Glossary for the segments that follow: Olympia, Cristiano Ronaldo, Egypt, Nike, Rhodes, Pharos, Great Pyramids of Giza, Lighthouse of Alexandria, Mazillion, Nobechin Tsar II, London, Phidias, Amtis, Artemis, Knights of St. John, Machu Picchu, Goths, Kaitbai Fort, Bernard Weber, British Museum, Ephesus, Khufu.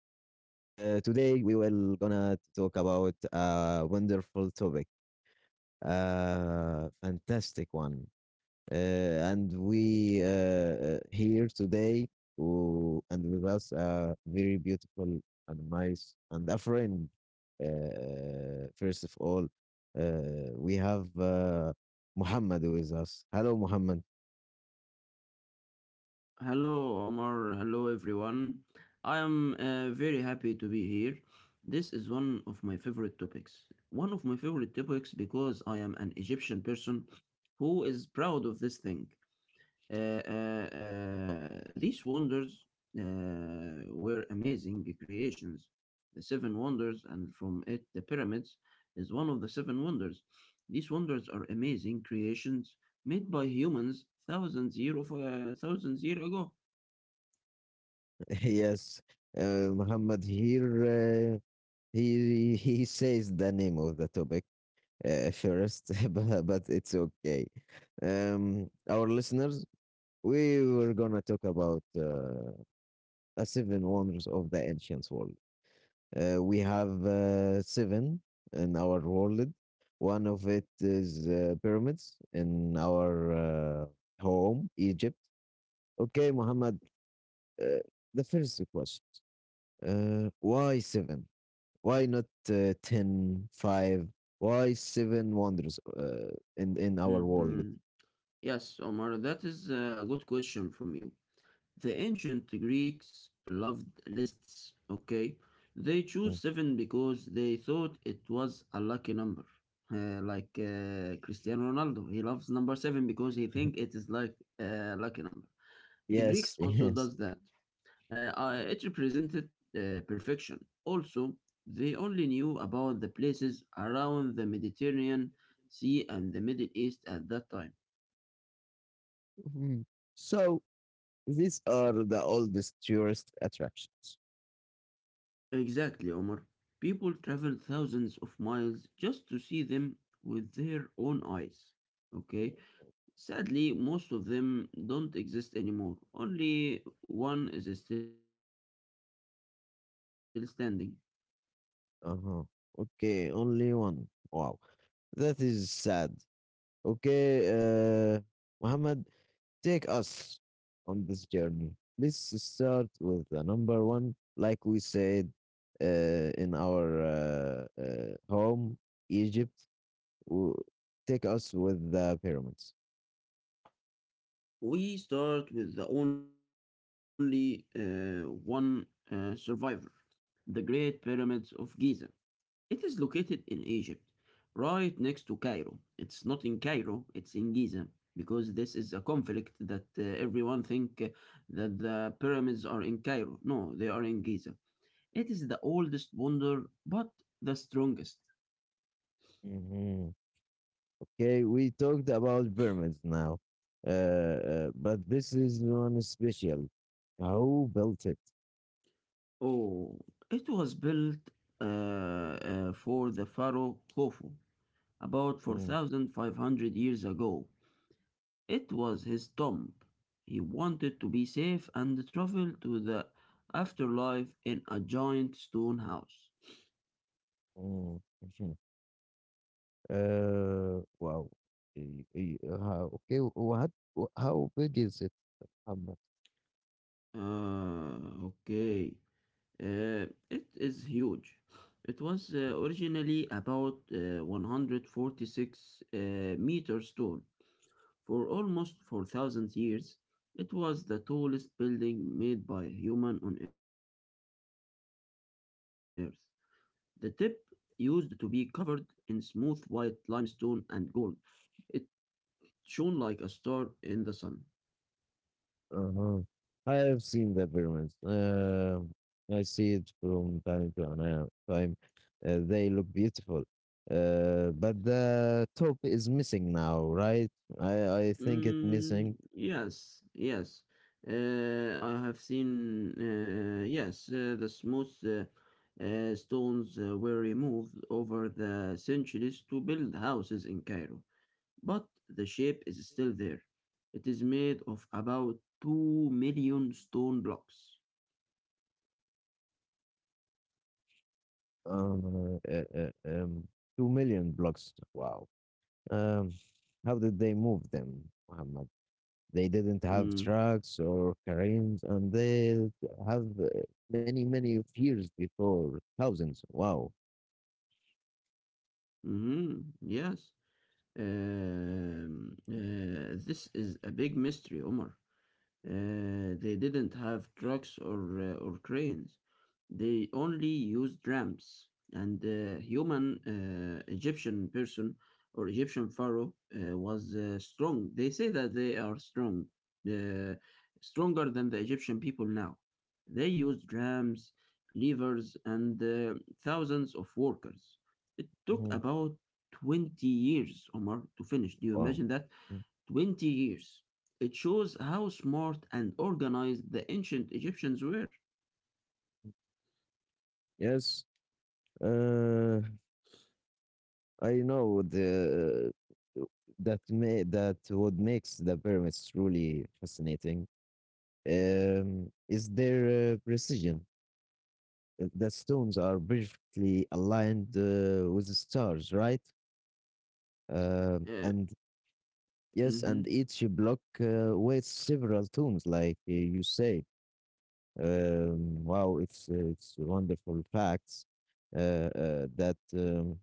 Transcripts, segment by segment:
Today we will gonna talk about a wonderful topic, a fantastic one. And we here today, and with us a very beautiful and nice and a friend. First of all, we have Muhammad with us. Hello, Muhammad. Hello, Omar. Hello, everyone. I am very happy to be here. This is one of my favorite topics. Because I am an Egyptian person who is proud of this thing. These wonders were amazing creations. The seven wonders, and from it, the pyramids, is one of the seven wonders. These wonders are amazing creations made by humans thousands year ago. Yes, Muhammad here. He says the name of the topic first, but it's okay. Our listeners, we were gonna talk about a seven wonders of the ancient world. We have seven in our world. One of it is pyramids in our home, Egypt. Okay, Muhammad. Uh, the first question: Why seven? Why not 10, five? Why seven wonders in our world? Mm-hmm. Yes, Omar, that is a good question from you. The ancient Greeks loved lists, okay? They Mm. chose seven because they thought it was a lucky number. Like Cristiano Ronaldo, he loves number seven because he think it is like a lucky number. The Greeks Yes, also yes. does that. It represented perfection. Also, they only knew about the places around the Mediterranean Sea and the Middle East at that time. Mhm. So these are the oldest tourist attractions. Exactly, Omar. People travel thousands of miles just to see them with their own eyes. Okay? Sadly, most of them don't exist anymore. Only one is still standing. Uh huh. Okay, only one. Wow, that is sad. Okay, Muhammad. Take us on this journey. Let's start with the number one, like we said in our home, Egypt. W- Take us with the pyramids. We start with the only one survivor, the Great Pyramids of Giza. It is located in Egypt, right next to Cairo. It's not in Cairo, it's in Giza, because this is a conflict that everyone think that the pyramids are in Cairo. No, they are in Giza. It is the oldest wonder, but the strongest. Hmm. Okay, we talked about pyramids now, but this is one special. Who built it? Oh, it was built for the pharaoh Khufu about Mm. 4,500 years ago. It was his tomb. He wanted to be safe and traveled to the afterlife in a giant stone house. Mm. Mhm. Wow. Y- y- Okay, what? How big is it, Muhammad? Ah, okay. It is huge. It was originally about 146 meters tall. For almost 4,000 years, it was the tallest building made by human on Earth. The tip used to be covered in smooth white limestone and gold. It shone like a star in the sun. Uh-huh. I have seen the pyramids. I see it from time to time. They look beautiful. But the top is missing now, right? I think it Mm, missing. yes, yes. I have seen, yes, the smooth stones were removed over the centuries to build houses in Cairo. But the shape is still there. It is made of about 2 million stone blocks. um, uh, uh, um, 2 million blocks. Wow. Um, how did they move them, Muhammad? They didn't have Mm, trucks or cranes, and they have many, many years before, thousands. Wow. mhm, yes. This is a big mystery, Omar. They didn't have trucks or or cranes. They only used ramps. And human Egyptian person or Egyptian pharaoh was strong. They say that they are strong, uh, stronger than the Egyptian people now. They used ramps, levers, and thousands of workers. It took Mm-hmm. about 20 years, Omar, to finish. Do you Wow. imagine that? Mm. 20 years. It shows how smart and organized the ancient Egyptians were. Yes, uh, I know the uh, that may that what makes the pyramids truly fascinating is their precision. The stones are perfectly aligned with the stars, right? Uh, And yes, and mhm, each block weighs several tons, like you say. Wow, it's wonderful facts that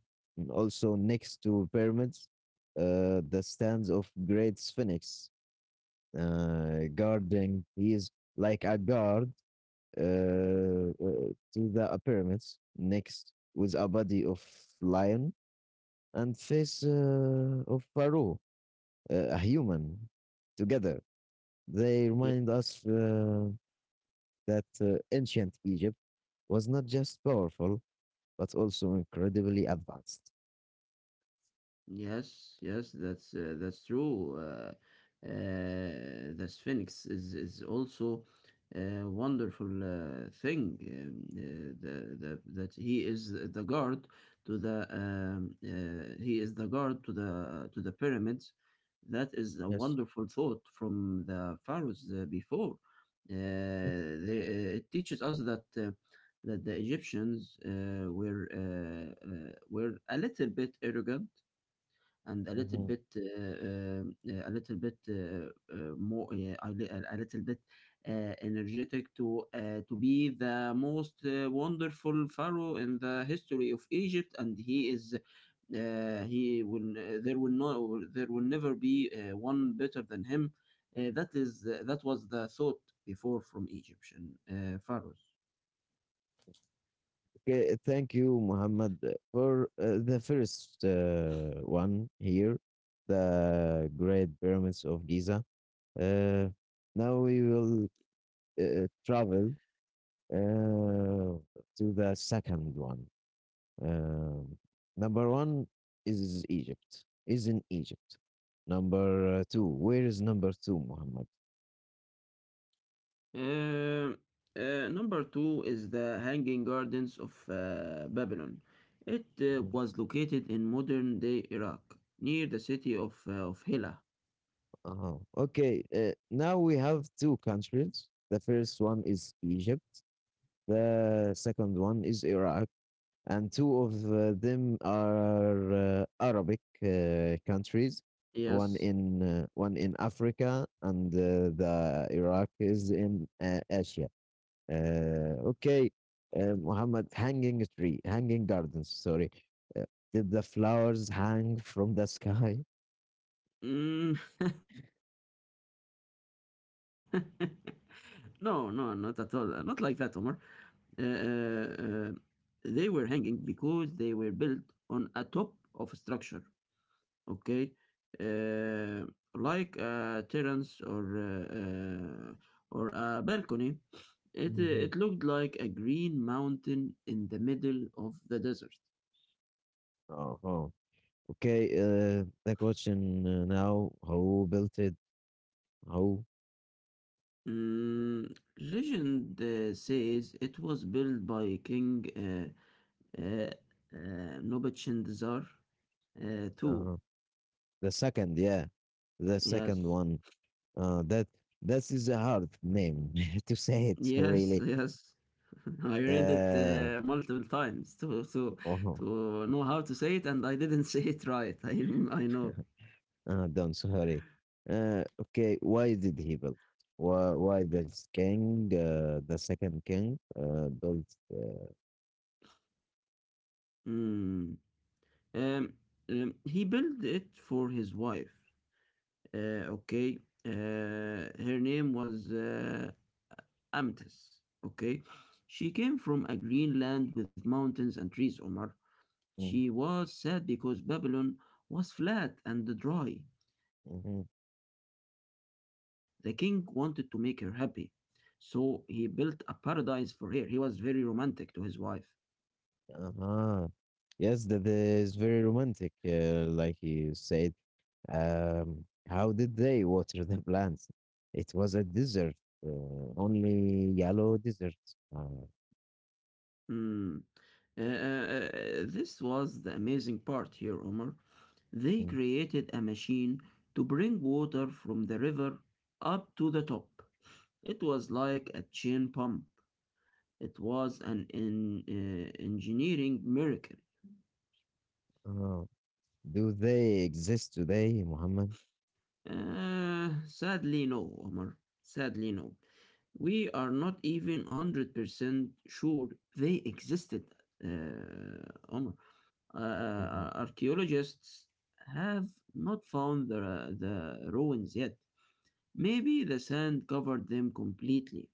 also next to pyramids, the stands of great sphinx guarding. He is like a guard to the pyramids. Next with a body of lion and face of Pharaoh, a human. Together, they remind us that ancient Egypt was not just powerful, but also incredibly advanced. Yes, yes, that's true. The Sphinx is also a wonderful thing. The That he is the guard to the he is the guard to the pyramids. That is a Yes. wonderful thought from the pharaohs before. Uh, it teaches us that. That the Egyptians were a little bit arrogant and Hmm. A little bit more a little bit energetic to be the most wonderful pharaoh in the history of Egypt, and he is he will there will never be one better than him. That was the thought before from Egyptian pharaohs. Okay, thank you, Muhammad, for the first one here, the Great Pyramids of Giza. Uh, Now we will travel uh, to the second one. Um, Number one is Egypt. Is in Egypt. Number two. Where is number two, Muhammad? Uh, Number two is the Hanging Gardens of Babylon. It was Mhm. located in modern day Iraq, near the city of Hilla. Uh-huh. Okay. Now we have two countries. The first one is Egypt. The second one is Iraq, and two of them are Arabic countries. One Yes. in one in Africa, and the Iraq is in Asia. Okay, Muhammad, hanging tree, hanging gardens, sorry. Uh, did the flowers hang from the sky? Mm. No, no, not at all. Not like that, Omar. Uh, uh, uh, they were hanging because they were built on a top of a structure. Okay, uh, like a terrace or a balcony, Hmm. it looked like a green mountain in the middle of the desert. Oh, oh. Okay, the question now, who built it? Who? Mm, legend says it was built by King uh, Nobechin Tsar II. Uh, the second, yeah, the second Yes, one. Uh, that that is a hard name to say it yes, really. yes. I read it Uh, multiple times oh, to know how to say it, and I didn't say it right. I know. ah, done, sorry. Okay, why did he build? Why this king, the second king, built? Uh, Mm. Um, he built it for his wife. Okay. Uh, her name was Amtis. Okay. She came from a green land with mountains and trees, Omar. She was sad because Babylon was flat and dry. The mm-hmm. king wanted to make her happy. So he built a paradise for her. He was very romantic to his wife. Uh-huh. Yes, that is very romantic, like you said. How did they water the plants? It was a desert, only yellow desert. Uh, Hmm. Uh, uh, uh, this was the amazing part here, Omar. They mm, created a machine to bring water from the river up to the top. It was like a chain pump. It was an engineering miracle. uh, do they exist today, Muhammad? Sadly, no, Omar. Sadly, no. We are not even 100% sure they existed, uh, Omar. Archaeologists have not found the ruins yet. Maybe the sand covered them completely.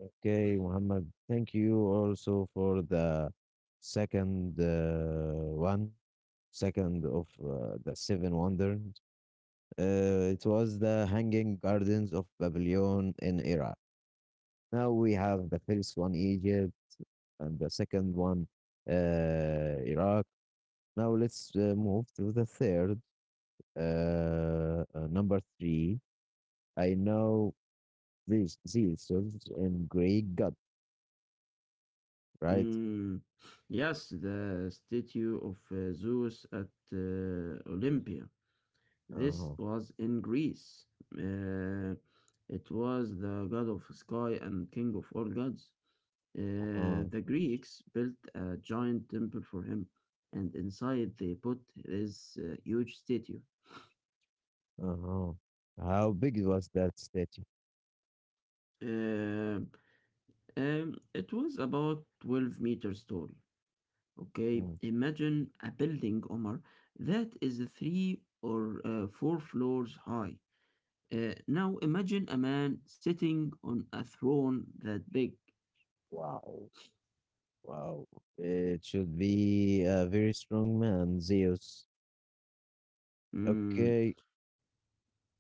Okay, Muhammad, thank you also for the second one, second of the seven wonders. It was the Hanging Gardens of Babylon in Iraq. Now we have the first one, Egypt, and the second one, Iraq. Now let's move to the third, number three. I know these Zeus in Greek God, right? Mm, yes, the statue of Zeus at Olympia. This Uh-huh. was in Greece. Uh, it was the god of sky and king of all gods. Uh-huh. The Greeks built a giant temple for him, and inside they put his huge statue. Uh-huh. How big was that statue? Uh, it was about 12 meters tall. Okay, Mm. imagine a building, Omar, that is three or four floors high. Now imagine a man sitting on a throne that big. Wow. Wow. It should be a very strong man, Zeus. Mm, Okay.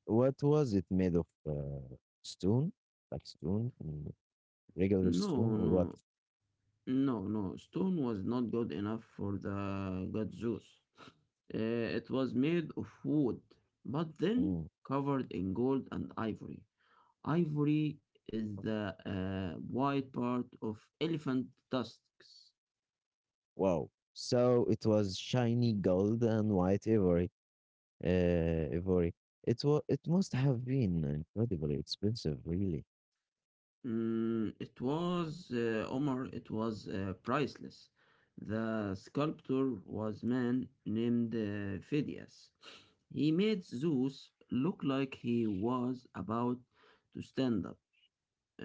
What was it made of? Stone? Like stone? Mm. Regular no, stone or no, what? no, no, stone was not good enough for the god Zeus. It was made of wood, but then Mm. covered in gold and ivory. Ivory is the white part of elephant tusks. Wow. So it was shiny gold and white ivory. Ivory. It was. It must have been incredibly expensive, really. Mm, it was, Omar, it was priceless. The sculptor was man named Phidias. He made Zeus look like he was about to stand up. Uh,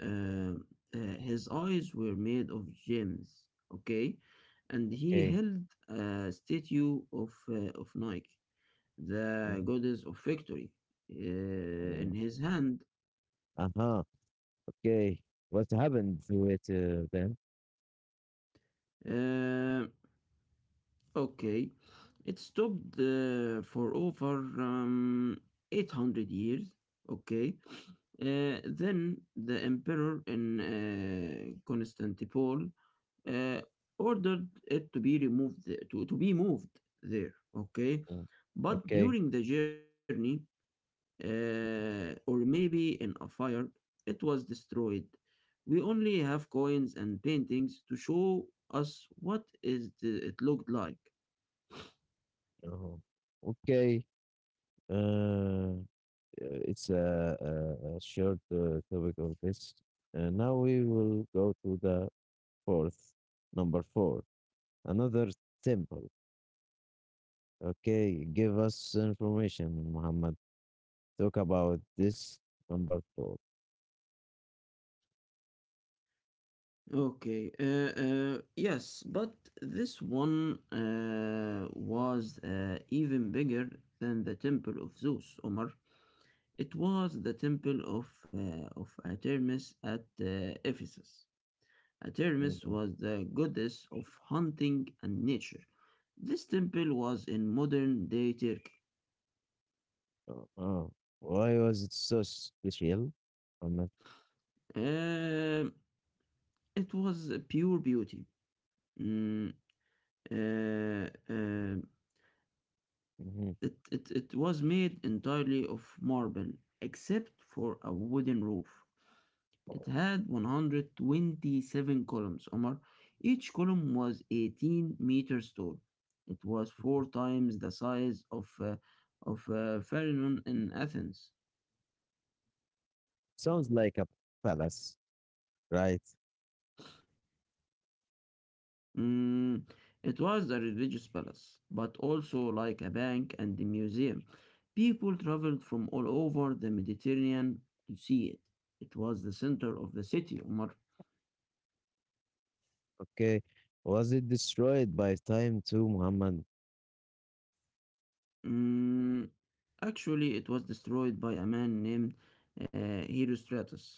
uh, his eyes were made of gems, okay? And he Okay. held a statue of Nike, the goddess of victory, uh, Mm-hmm. in his hand. Uh huh. Okay. What happened to it then? Uh, okay. It stopped for over 800 years, okay? Then the emperor in Constantinople uh, ordered it to be removed to be moved there. Okay, Mm. but Okay. during the journey, or maybe in a fire, it was destroyed. We only have coins and paintings to show us what it looked like. uh Okay. Uh, uh, it's a short topic of this. Now we will go to the fourth, number four. Another temple. Okay. Give us information, Muhammad. Talk about this number 4. Okay, yes, but this one was even bigger than the temple of Zeus, Omar. It was the temple of Artemis at Ephesus. Artemis Hmm. was the goddess of hunting and nature. This temple was in modern day Turkey. Oh, oh. Why was it so special, Muhammad? Uh, it was pure beauty. Mm, uh, uh, Mhm. It was made entirely of marble, except for a wooden roof. It had 127 columns, Omar. Each column was 18 meters tall. It was four times the size of Pharaoh in Athens. Sounds like a palace, right? Mm, it was a religious palace, but also like a bank and a museum. People traveled from all over the Mediterranean to see it. It was the center of the city, Omar. Okay. Was it destroyed by time too, Muhammad? Mm, actually, it was destroyed by a man named Herostratus.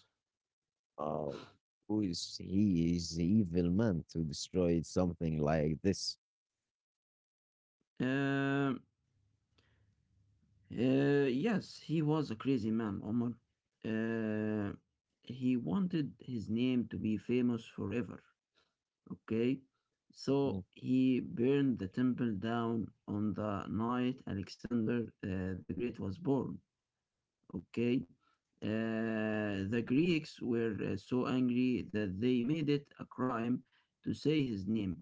Oh, who is he is the evil man to destroy something like this. Um, yes, he was a crazy man, Omar. Uh, he wanted his name to be famous forever, okay? Mhm. So he burned the temple down on the night Alexander the Great was born, okay? The Greeks were so angry that they made it a crime to say his name.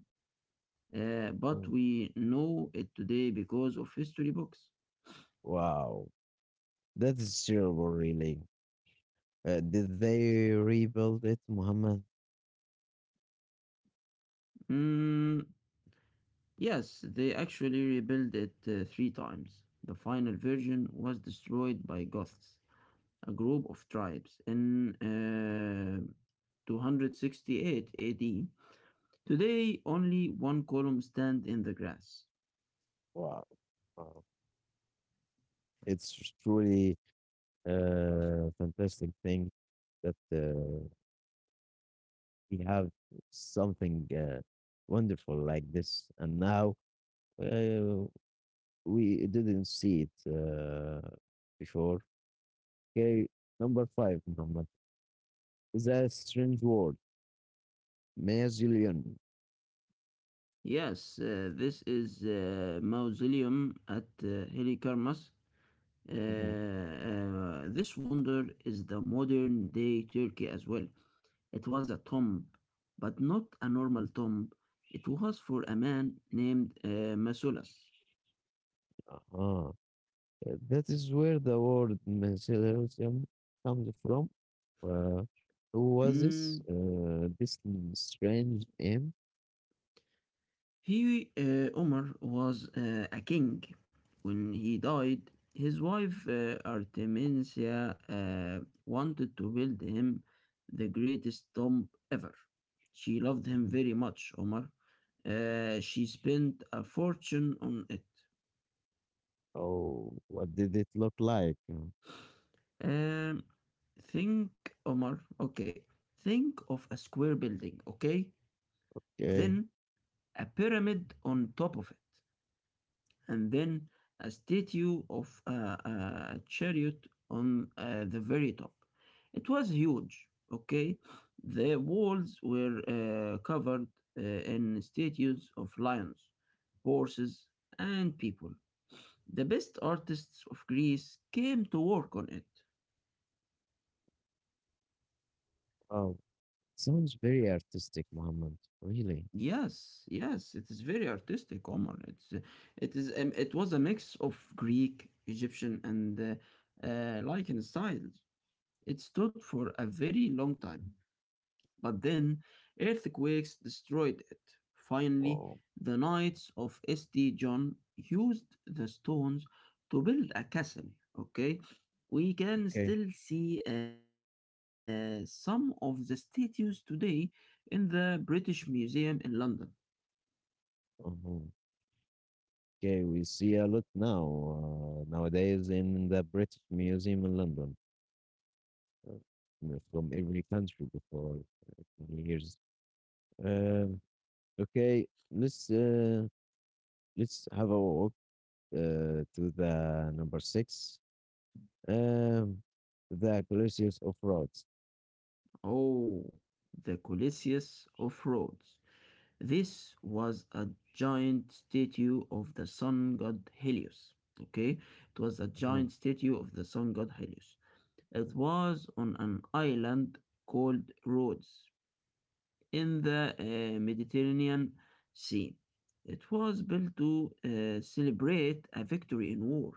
But Mhm. we know it today because of history books. Wow. That is terrible, really. Did they rebuild it, Muhammad? Mm, yes, they actually rebuilt it three times. The final version was destroyed by Goths, a group of tribes, in uh, 268 AD. Today, only one column stands in the grass. Wow. Wow. It's truly a fantastic thing that we have something wonderful like this. And now uh, we didn't see it before. Okay, number five, number the strange word, Mazillion. Yes, this is mausoleum at Helikarmas. Mhm. This wonder is the modern day Turkey as well. It was a tomb, but not a normal tomb. It was for a man named Masulas. Uh-huh. That is where the word Mazillion comes from. Uh, who was this? Mm, This strange name? he, Umar, was a king. When he died, his wife Artemisia wanted to build him the greatest tomb ever. She loved him Mhm. very much, Omar. She spent a fortune on it. Oh, what did it look like? Mm. Um, think, Omar, okay. Think of a square building, okay? Okay. Then a pyramid on top of it, and then a statue of a chariot on the very top. It was huge, okay? The walls were covered in statues of lions, horses, and people. The best artists of Greece came to work on it. Oh, sounds very artistic, Muhammad. Really? Yes, yes, it is very artistic, Omar. It's it is It was a mix of Greek, Egyptian, and Lycan styles. It stood for a very long time, but then earthquakes destroyed it. Finally, Oh, the Knights of St. John used the stones to build a castle. Okay, we can okay. still see some of the statues today in the British Museum in London. Uh-huh. Okay, we see a lot now, nowadays in the British Museum in London, uh, from every country before many years. Um, okay, let's have a walk to the number six, um, the Colosseus of Rhodes. Oh, the Colossus of Rhodes. This was a giant statue of the sun god Helios. Okay, it was a Uh-huh. giant statue of the sun god Helios. It was on an island called Rhodes in the Mediterranean Sea. It was built to celebrate a victory in war.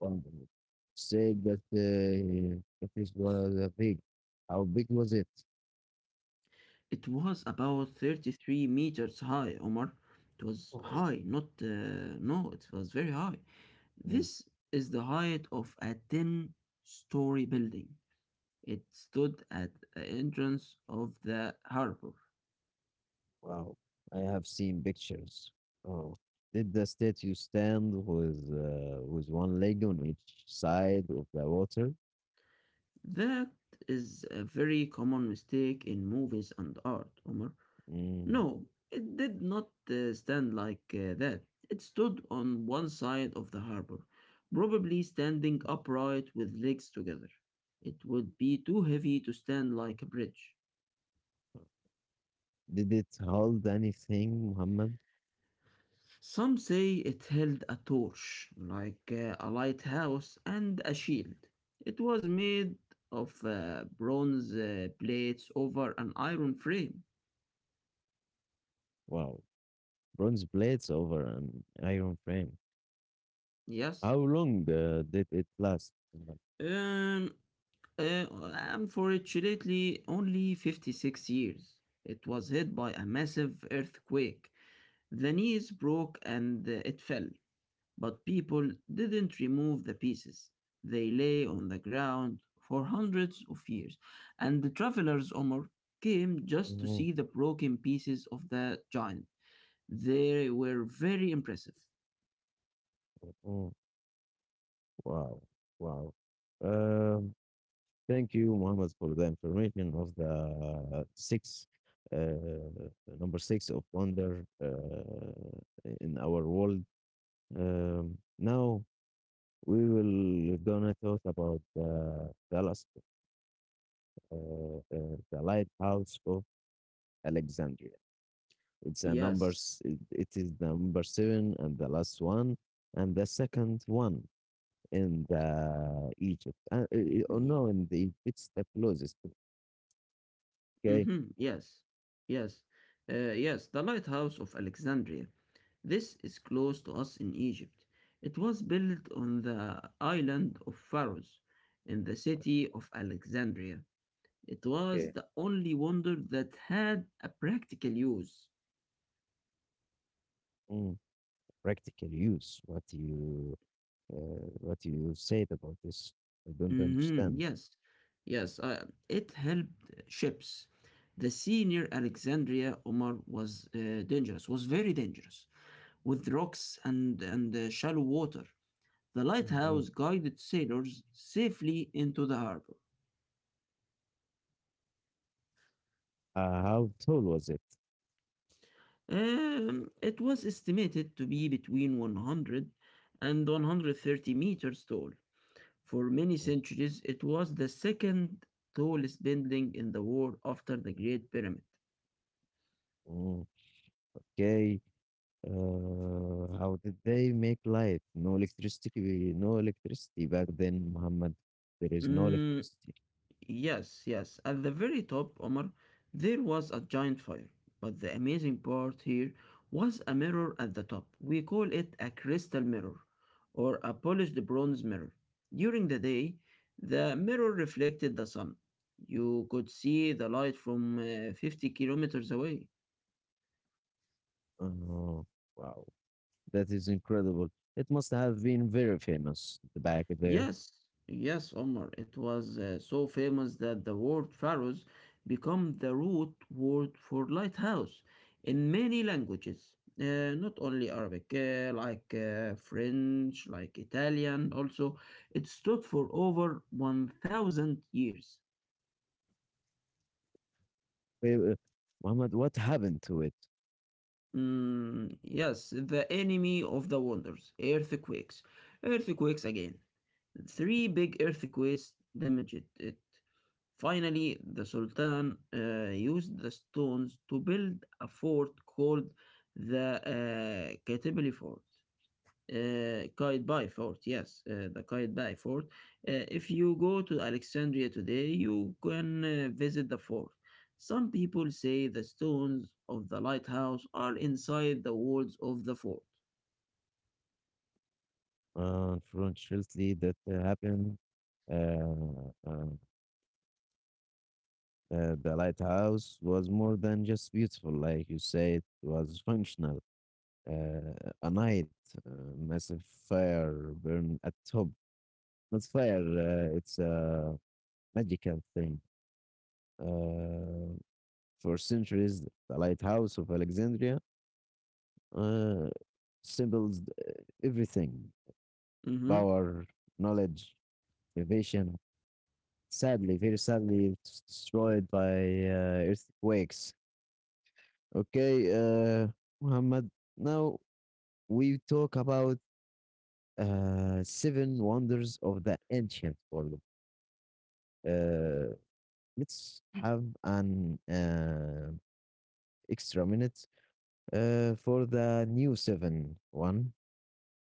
Wonderful. Say that it is was a big. How big was it? It was about 33 meters high, Omar. It was Oh. high, not, no, it was very high. This is the height of a 10-story building. It stood at the entrance of the harbor. Wow, I have seen pictures. Oh, did the statue stand with one leg on each side of the water? That is a very common mistake in movies and art, Omar. Mm. No, it did not stand like that. It stood on one side of the harbor, probably standing upright with legs together. It would be too heavy to stand like a bridge. Did it hold anything, Muhammad? Some say it held a torch, like a lighthouse, and a shield. It was made of bronze plates over an iron frame. Wow, bronze plates over an iron frame. How Yes. long did it last? Mm. Um, uh, Unfortunately, only 56 years. It was hit by a massive earthquake. The knees broke and it fell. But people didn't remove the pieces. They lay on the ground for hundreds of years, and the travelers Omar came just to Mm. see the broken pieces of the giant. They were very impressive. Mm. Wow, wow. Um, Thank you, Mohammed, for the information of the six, uh, number six of wonder in our world. Now we will gonna talk about Dallas, the lighthouse of Alexandria. It's a number. Yes. It is the number seven and the last one, and the second one in the Egypt. Oh, Ye- no, in the it's the closest. Okay. mhm, yes. Yes. Yes, the lighthouse of Alexandria. This is close to us in Egypt. It was built on the island of Pharos in the city of Alexandria. It was Okay. the only wonder that had a practical use. Practical use what you said about this. I don't Mhm, understand. yes, yes, it helped ships. The sea near Alexandria, Omar, was dangerous, was very dangerous, with rocks and shallow water. The lighthouse Mhm. guided sailors safely into the harbor. How tall was it? It was estimated to be between 100 and 130 meters tall. For many Oh. centuries, it was the second tallest building in the world after the Great Pyramid. mm, Okay. How did they make light? No electricity. No electricity back then, Muhammad. There is no Mm, electricity. yes, yes. At the very top, Omar, there was a giant fire. But the amazing part here was a mirror at the top. We call it a crystal mirror or a polished bronze mirror. During the day, the mirror reflected the sun. You could see the light from 50 kilometers away. Oh, wow. That is incredible. It must have been very famous back there. Yes, yes, Omar. It was so famous that the word pharaohs become the root word for lighthouse in many languages, not only Arabic, like French, like Italian. Also, it stood for over 1,000 years. Wait, Muhammad, what happened to it? Mm, yes, the enemy of the wonders, earthquakes. Earthquakes again. Three big earthquakes damaged it. Finally, the Sultan used the stones to build a fort called the Kaitibili Fort. Kaitbai Fort, yes, the Kaitbai Fort. If you go to Alexandria today, you can visit the fort. Some people say the stones of the lighthouse are inside the walls of the fort. Unfortunately, that happened. Uh, uh, the lighthouse was more than just beautiful, like you say, it was functional. Uh, a night, uh, massive fire burned at top. Not fire, it's a magical thing. Uh, for centuries, the lighthouse of Alexandria uh, symbols everything Mm-hmm. power, knowledge, innovation. Sadly, very sadly destroyed by earthquakes. Okay, Muhammad. Now we talk about seven wonders of the ancient world. Uh, let's have an extra minute for the new seven one.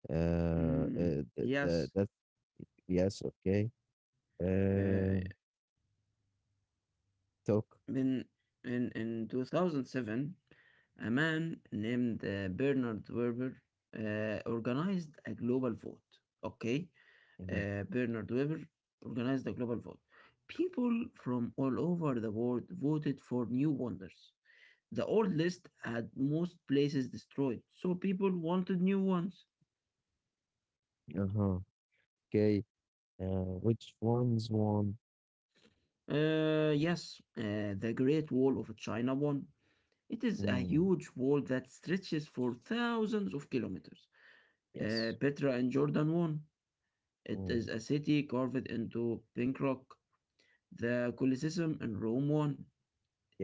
Mm, yes, That yes, okay. Uh, uh, Talk. In in 2007, a man named Bernard Weber organized a global vote. Okay, Uh Bernard Weber organized a global vote. People from all over the world voted for new wonders. The old list had most places destroyed, so people wanted new ones. huh. Okay. Which one's one? Yes, the Great Wall of China won. It is a Mm, huge wall that stretches for thousands of kilometers. Yes. Petra and Jordan won. It Mm, is a city carved into pink rock. The Colosseum in Rome won.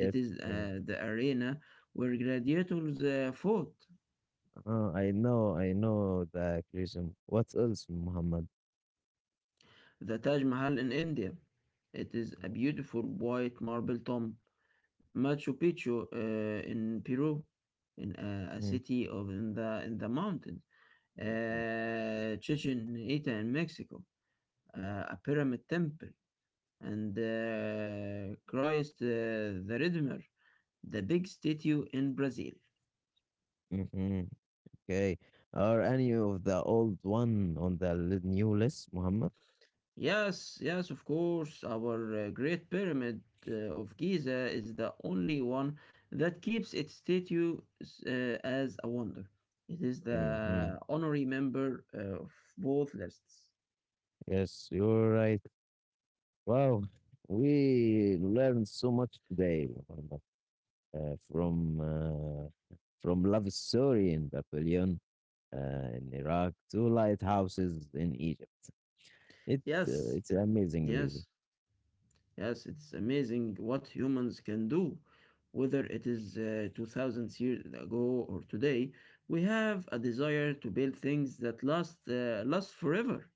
It is I the arena where gladiators fought. I know the Christian. What else, Muhammad? The Taj Mahal in India. It is a beautiful white marble tomb. Machu Picchu in Peru, in a Mhm. city of in the mountains. Mhm. Chichen Ita in Mexico. Uh, a pyramid temple. And Christ the Redeemer, the big statue in Brazil. Mhm. Okay. Are any of the old one on the new list, Muhammad? Yes, yes, of course, our Great Pyramid of Giza is the only one that keeps its statue as a wonder. It is Hmm. the honorary member of both lists. Yes, you're right. Wow, we learned so much today, Muhammad, uh, from uh, from love story in Babylon, uh, in Iraq, to lighthouses in Egypt. It uh, Yes, it's amazing, really. yes. Yes, it's amazing what humans can do. Whether it is 2000 years ago or today, we have a desire to build things that last forever.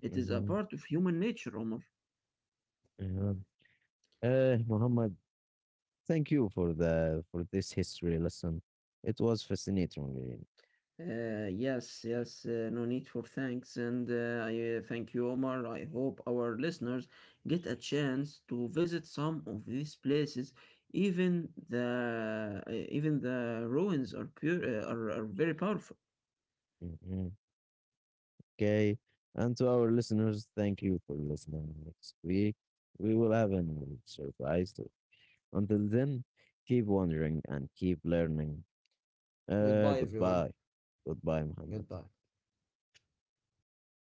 It is a Hmm. part of human nature, Omar. Muhammad, thank you for the for this history lesson. It was fascinating, really. Yes, yes, no need for thanks. And I thank you, Omar. I hope our listeners get a chance to visit some of these places. Even the uh, even the ruins are are very powerful. Mhm. Okay, and to our listeners, thank you for listening. Next week, we will have a new surprise. Until then, keep wondering and keep learning. Goodbye, everyone. Goodbye, goodbye, Muhammad. Goodbye.